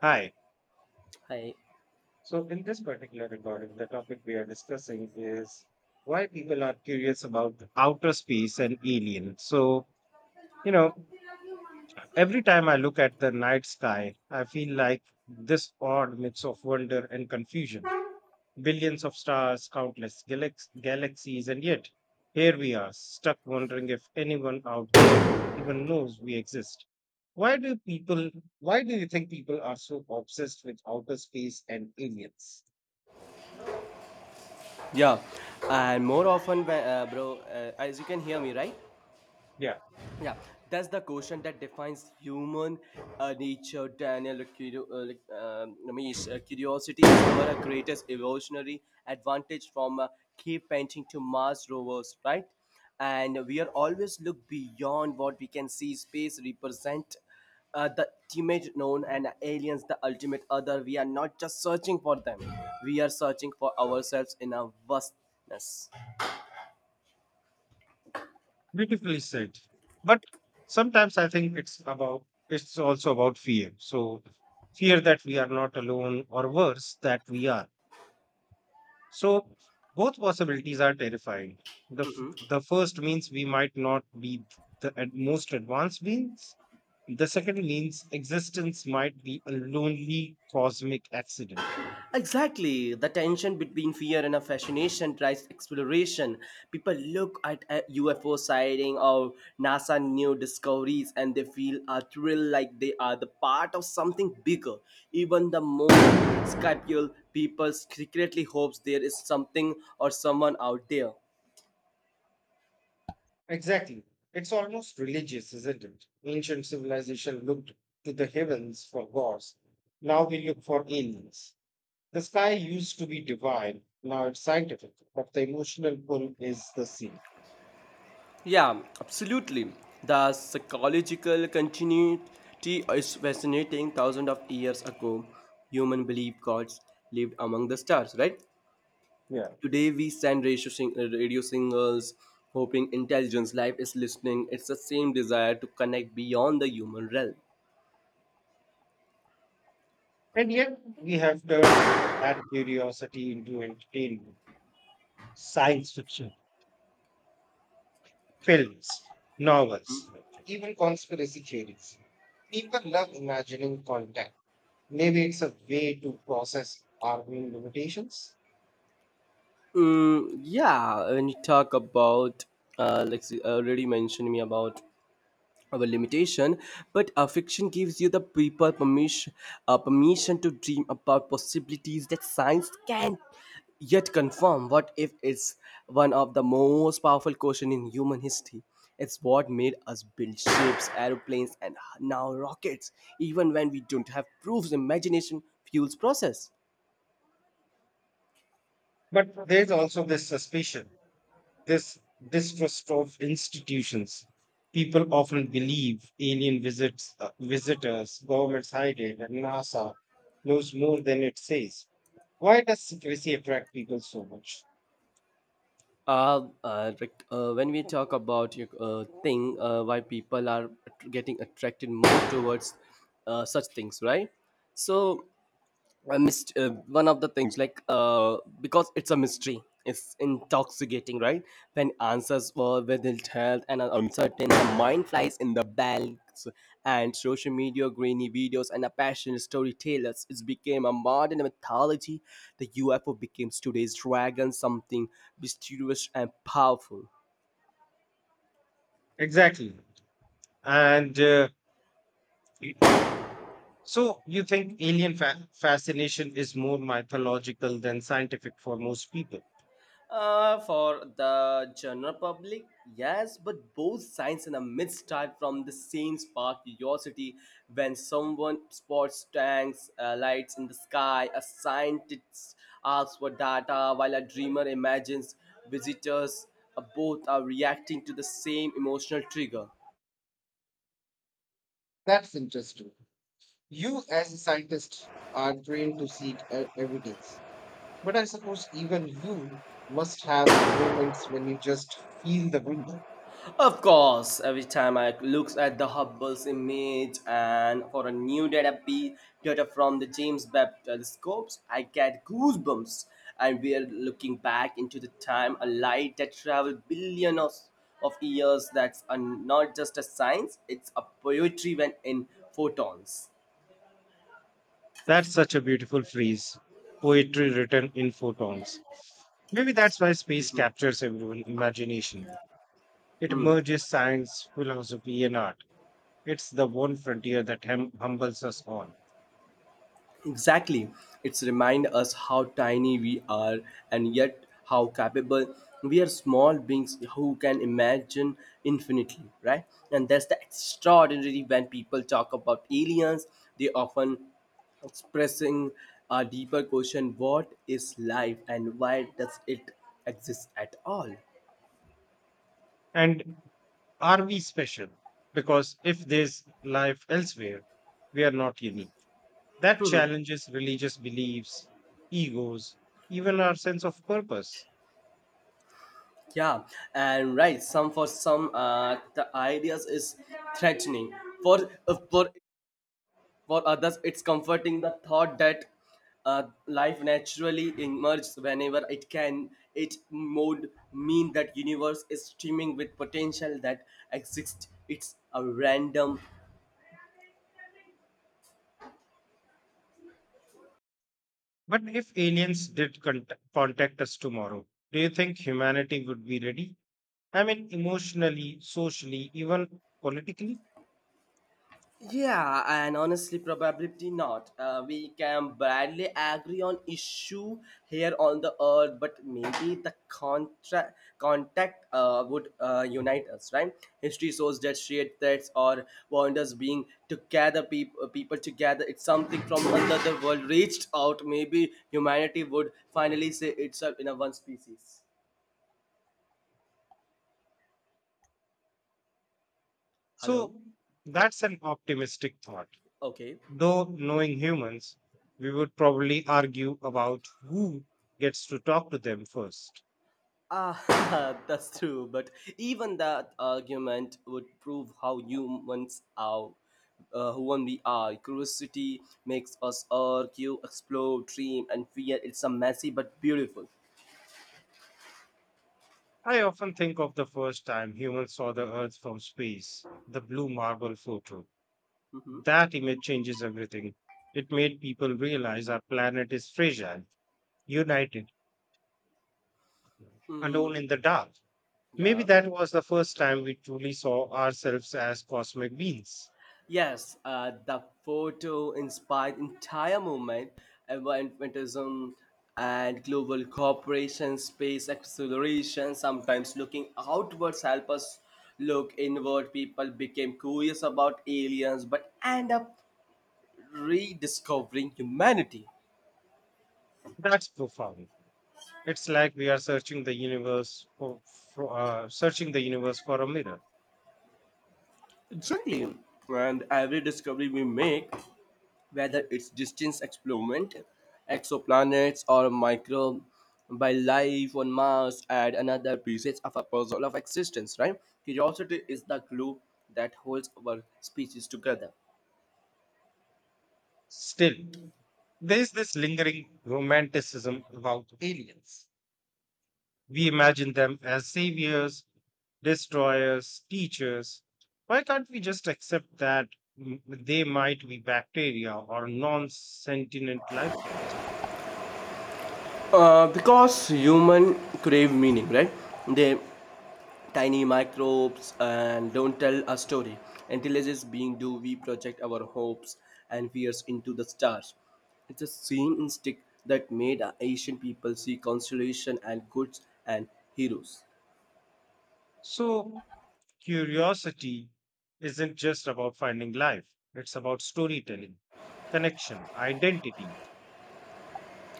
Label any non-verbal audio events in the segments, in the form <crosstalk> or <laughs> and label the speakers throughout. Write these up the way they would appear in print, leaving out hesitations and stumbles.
Speaker 1: Hi.
Speaker 2: Hi.
Speaker 1: So, in this particular recording, the topic we are discussing is why people are curious about outer space and alien. So, you know, every time I look at the night sky, I feel like this odd mix of wonder and confusion. Billions of stars, countless galaxies, and yet here we are, stuck wondering if anyone out there even knows we exist. Why do people, why do you think people are so obsessed with outer space and aliens?
Speaker 2: Yeah, and more often, bro, as you can hear me, right?
Speaker 1: Yeah.
Speaker 2: Yeah, that's the question that defines human nature. Ramesh, curiosity is our greatest evolutionary advantage from cave painting to Mars rovers, right? And we are always look beyond what we can see. Space represent the ultimate known and aliens the ultimate other. We are not just searching for them; we are searching for ourselves in our vastness.
Speaker 1: Beautifully said. But sometimes I think it's about it's also about fear. So fear that we are not alone or worse that we are. So both possibilities are terrifying. The f-
Speaker 2: Mm-hmm.
Speaker 1: the first means we might not be the most advanced beings. The second means existence might be a lonely cosmic accident.
Speaker 2: Exactly. The tension between fear and a fascination drives exploration. People look at a UFO sighting or NASA new discoveries and they feel a thrill like they are the part of something bigger. Even the most skeptical people secretly hopes there is something or someone out there.
Speaker 1: Exactly. It's almost religious, isn't it? Ancient civilization looked to the heavens for gods. Now we look for aliens. The sky used to be divine. Now it's scientific, but the emotional pull is the same.
Speaker 2: Yeah, absolutely. The psychological continuity is fascinating. Thousands of years ago, human believed gods lived among the stars, right?
Speaker 1: Yeah.
Speaker 2: Today we stand radio, radio singers, hoping intelligence life is listening. It's the same desire to connect beyond the human realm.
Speaker 1: And yet we have turned that curiosity into entertainment, science fiction, films, novels, even conspiracy theories. People love imagining contact. Maybe it's a way to process our own limitations.
Speaker 2: Mm, yeah, when you talk about, let's see, already mentioned me about our limitation, but fiction gives you the people permission, permission to dream about possibilities that science can't yet confirm. What if it's one of the most powerful question in human history? It's what made us build ships, aeroplanes, and now rockets, even when we don't have proofs. Imagination fuels process.
Speaker 1: But there's also this suspicion, this distrust of institutions. People often believe alien visits, visitors, governments hide it, and NASA knows more than it says. Why does secrecy attract people so much?
Speaker 2: When we talk about your thing, why people are getting attracted more towards such things, right? So one of the things, like, because it's a mystery, it's intoxicating, right? When answers were withheld and are uncertain, the mind flies in the bags and social media, grainy videos, and a passionate storytellers. It became a modern mythology. The UFO becomes today's dragon, something mysterious and powerful.
Speaker 1: Exactly. And so, you think alien fascination is more mythological than scientific for most people?
Speaker 2: For the general public, yes, but both science and a myth start from the same spark curiosity. When someone spots tanks, lights in the sky, a scientist asks for data, while a dreamer imagines visitors. Both are reacting to the same emotional trigger.
Speaker 1: That's interesting. You, as a scientist, are trained to seek evidence. But I suppose even you must have moments when you just feel the wonder.
Speaker 2: Of course, every time I look at the Hubble's image and for a new data from the James Webb telescopes, I get goosebumps. And we are looking back into the time a light that traveled billions of years. That's, not just a science; it's a poetry when in photons.
Speaker 1: That's such a beautiful phrase. Poetry written in photons. Maybe that's why space captures everyone's imagination. It
Speaker 2: Hmm.
Speaker 1: merges science, philosophy, and art. It's the one frontier that humbles us all.
Speaker 2: Exactly. It's remind us how tiny we are and yet how capable we are small beings who can imagine infinitely, right? And that's the extraordinary when people talk about aliens, they often expressing a deeper question: what is life and why does it exist at all?
Speaker 1: And are we special? Because if there's life elsewhere, we are not unique. That challenges religious beliefs, egos, even our sense of purpose.
Speaker 2: Yeah. And right, some for some the ideas is threatening, for uh, for For others, it's comforting, the thought that life naturally emerges whenever it can. It would mean that universe is streaming with potential that exists. It's a random.
Speaker 1: But if aliens contact us tomorrow, do you think humanity would be ready? I mean, emotionally, socially, even politically?
Speaker 2: Yeah, and honestly, probably not. We can barely agree on issue here on the earth, but maybe the contact would unite us, right? History shows that shared threats or wonders being together, people together, it's something from another world reached out. Maybe humanity would finally say itself in a one species. Hello?
Speaker 1: So
Speaker 2: Yeah.
Speaker 1: that's an optimistic thought.
Speaker 2: Okay.
Speaker 1: Though knowing humans, we would probably argue about who gets to talk to them first.
Speaker 2: Ah, <laughs> that's true, but even that argument would prove how humans are, who we are. Curiosity makes us argue, explore, dream, and fear. It's a messy but beautiful.
Speaker 1: I often think of the first time humans saw the Earth from space, the blue marble photo.
Speaker 2: Mm-hmm.
Speaker 1: That image changes everything. It made people realize our planet is fragile, united,
Speaker 2: Mm,
Speaker 1: alone in the dark. Maybe
Speaker 2: yeah.
Speaker 1: that was the first time we truly saw ourselves as cosmic beings.
Speaker 2: Yes, the photo inspired entire movement, environmentalism and global cooperation, space exploration. Sometimes looking outwards help us look inward. People became curious about aliens but end up rediscovering humanity.
Speaker 1: That's profound. It's like we are searching the universe for searching the universe for a mirror.
Speaker 2: Exactly. And every discovery we make, whether it's distance experiment, exoplanets, or microbe by life on Mars, add another pieces of a puzzle of existence, right? Curiosity is the glue that holds our species together.
Speaker 1: Still, there's this lingering romanticism about aliens. We imagine them as saviors, destroyers, teachers. Why can't we just accept that they might be bacteria or non sentient life forms?
Speaker 2: Because human crave meaning, right? They tiny microbes and don't tell a story. Intelligence being do we project our hopes and fears into the stars. It's the same instinct that made our ancient people see constellation and gods and heroes.
Speaker 1: So, curiosity isn't just about finding life, it's about storytelling, connection, identity.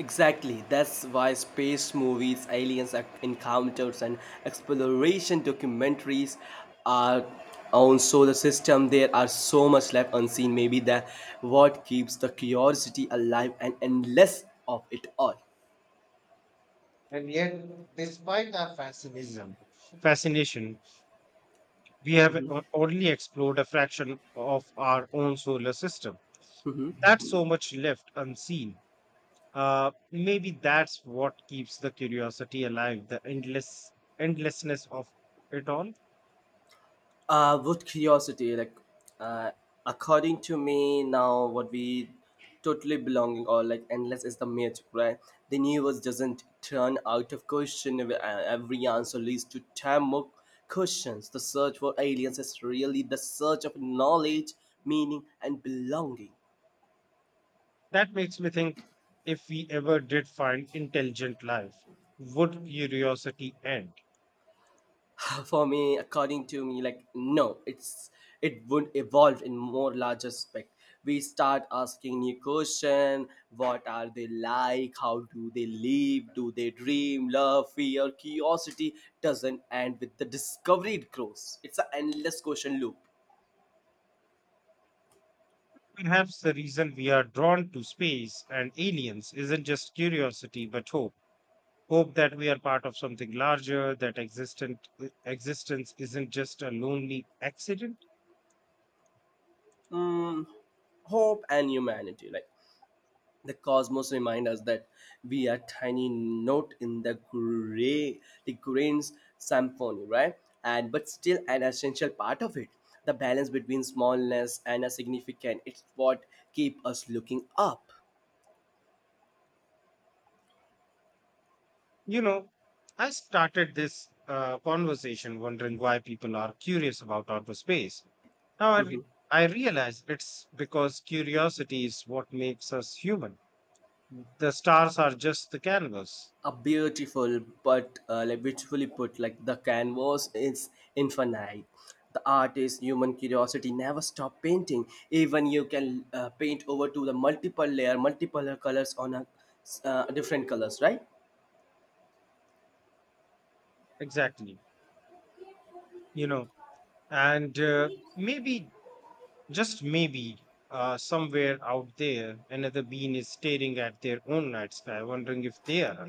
Speaker 2: Exactly, that's why space movies, aliens encounters, and exploration documentaries are on solar system. There are so much left unseen. Maybe that what keeps the curiosity alive and endless of it all.
Speaker 1: And yet, despite our fascination, we have only explored a fraction of our own solar system. That's so much left unseen. Maybe that's what keeps the curiosity alive, the endlessness of it all.
Speaker 2: With curiosity, like, uh, according to me, now what we totally belonging or like endless is the myth, right? The universe doesn't turn out of question. Every answer leads to 10 more questions. The search for aliens is really the search of knowledge, meaning, and belonging.
Speaker 1: That makes me think, if we ever did find intelligent life, would curiosity end?
Speaker 2: <laughs> For me, according to me, like, no, it would evolve in more large aspect. We start asking new question: what are they like, how do they live, do they dream, love, fear? Curiosity doesn't end with the discovery, it grows, it's an endless question loop.
Speaker 1: Perhaps the reason we are drawn to space and aliens isn't just curiosity but hope. Hope that we are part of something larger, existence isn't just a lonely accident.
Speaker 2: Hmm hope and humanity, like, the cosmos remind us that we are tiny note in the grains symphony, right? And but still an essential part of it. The balance between smallness and a significant. It's what keep us looking up.
Speaker 1: You know, I started this conversation wondering why people are curious about outer space. Now I, re-
Speaker 2: <laughs>
Speaker 1: I realize it's because curiosity is what makes us human. The stars are just the canvas.
Speaker 2: a beautiful but Like beautifully put, like the canvas is infinite, the artist human curiosity never stop painting. Even you can paint over to the multiple layer, multiple colors, on a different colors, right?
Speaker 1: Exactly. You know, and maybe just maybe, somewhere out there, another bean is staring at their own night sky, wondering if they are.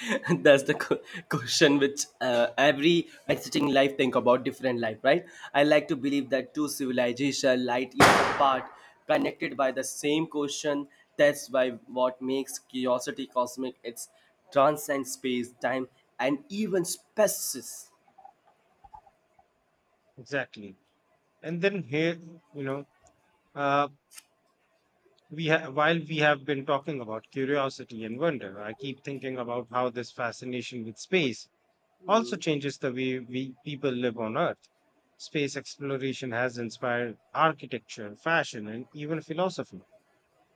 Speaker 2: <laughs> That's the question which every exiting life think about different life, right? I like to believe that two civilization light years apart connected by the same question. That's why what makes curiosity cosmic. It's transcends space time and even species.
Speaker 1: Exactly. And then here, you know, uh, while we have been talking about curiosity and wonder, I keep thinking about how this fascination with space also changes the way we people live on Earth. Space exploration has inspired architecture, fashion, and even philosophy.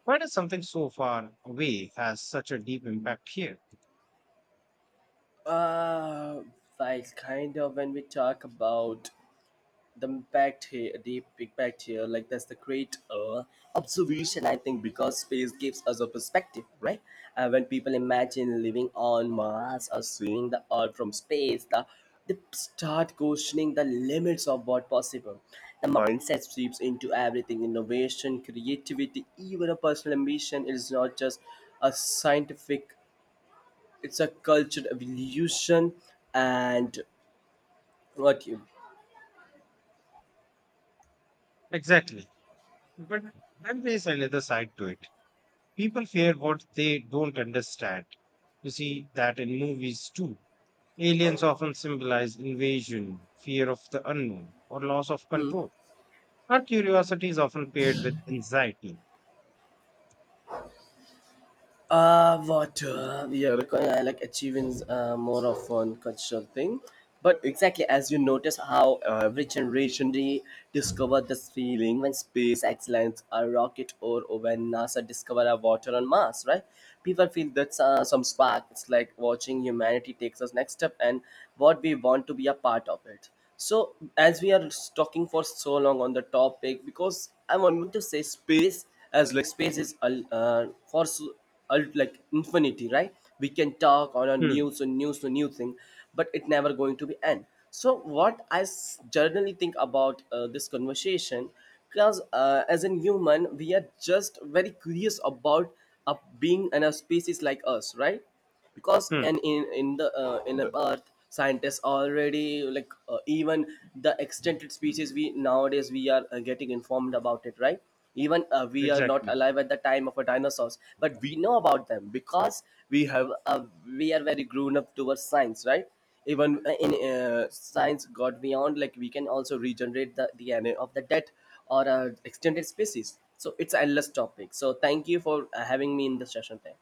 Speaker 1: Why does something so far away has such a deep impact here?
Speaker 2: uh like, kind of, when we talk about the impact here, deep impact here, like that's the great observation, I think, because space gives us a perspective, right? When people imagine living on Mars or seeing the Earth from space, they start questioning the limits of what possible. The mindset sweeps into everything, innovation, creativity, even a personal ambition. It is not just a scientific, it's a cultural evolution. And what you.
Speaker 1: Exactly. But then there's another side to it. People fear what they don't understand. You see that in movies too. Aliens often symbolize invasion, fear of the unknown, or loss of control. Our curiosity is often paired with anxiety.
Speaker 2: Water. Yeah, because I like achieving more of one cultural thing. But exactly, as you notice how every generation they discover this feeling when space excellence a rocket, or when NASA discover a water on Mars, right? People feel that's some spark. It's like watching humanity takes us next step and what we want to be a part of it. So as we are talking for so long on the topic, because I want to say space as like space is for like infinity, right? We can talk on a
Speaker 1: Hmm,
Speaker 2: news and news to new thing, but it never going to be end. So what I generally think about this conversation, because as a human we are just very curious about being in a species like us, right? Because
Speaker 1: hmm,
Speaker 2: and in the earth scientists already, like, even the extended species, we nowadays we are getting informed about it, right? Even we are not
Speaker 1: exactly.
Speaker 2: alive at the time of a dinosaurs, but we know about them because we have a, we are very grown up towards science, right? Even in science got beyond, like, we can also regenerate the DNA of the dead or extended species. So it's endless topic. So thank you for having me in the session today.